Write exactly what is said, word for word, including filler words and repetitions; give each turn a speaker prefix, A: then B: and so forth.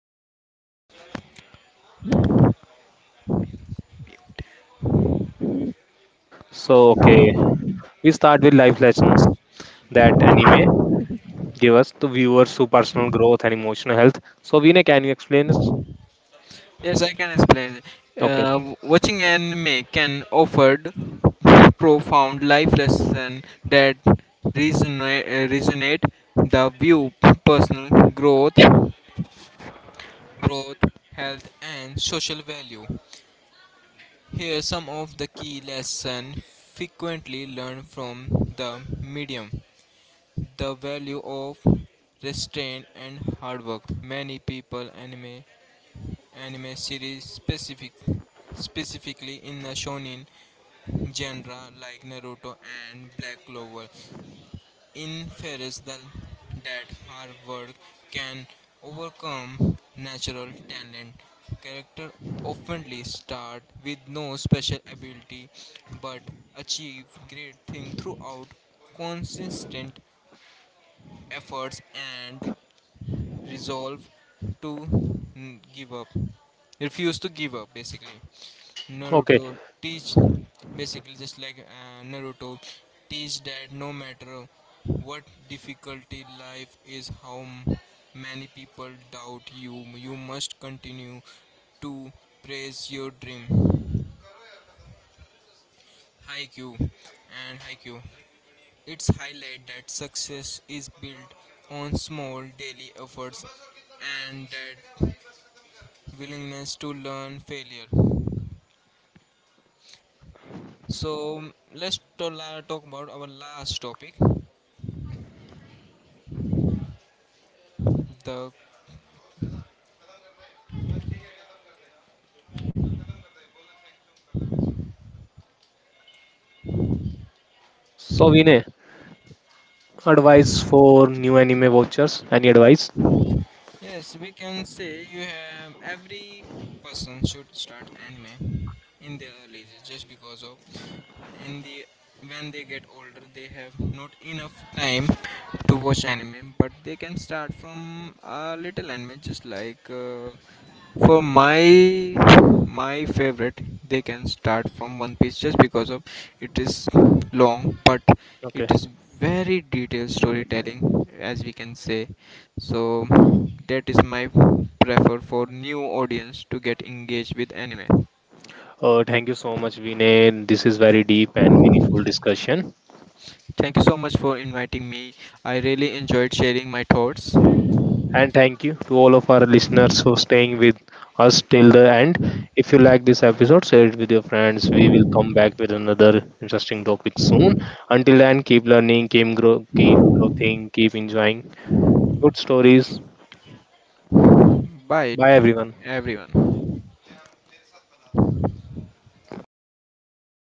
A: So, okay, we start with life lessons that anime give us to viewers to personal growth and emotional health. So, Vinay, can you explain this?
B: Yes, I can explain.
A: Okay,
B: Uh, watching anime can offer profound life lesson that resonate, uh, resonate the view personal growth, growth, health, and social value. Here are some of the key lessons frequently learned from the medium the value of restraint and hard work. Many people anime anime series specific specifically in the shonen genre like Naruto and Black Clover inference that that hard work can overcome natural talent. Character oftenly start with no special ability but achieve great things throughout consistent efforts and resolve to n- give up refuse to give up basically
A: okay.
B: naruto teach basically just like uh, naruto teach that no matter what difficulty life is how m- many people doubt you you must continue to praise your dream haiku and haiku. It's highlight that success is built on small daily efforts and that willingness to learn failure. So let's to- la- talk about our last topic. The
A: So, Vinay, advice for new anime watchers? Any advice?
B: yes, we can say you have every person should start anime in their early ages just because of in the when they get older they have not enough time to watch anime but they can start from a little anime just like uh, for my my favorite, they can start from One Piece just because of it is long, but it
A: Okay.
B: is very detailed storytelling, as we can say. So that is my prefer for new audience to get engaged with anime.
A: Uh, thank you so much, Vinay. This is very deep and meaningful discussion.
B: Thank you so much for inviting me. I really enjoyed sharing my thoughts.
A: And thank you to all of our listeners for staying with us till the end. If you like this episode, share it with your friends. We will come back with another interesting topic soon. Until then, keep learning, keep, grow, keep growing, keep enjoying good stories.
B: Bye,
A: Bye, everyone.
B: everyone.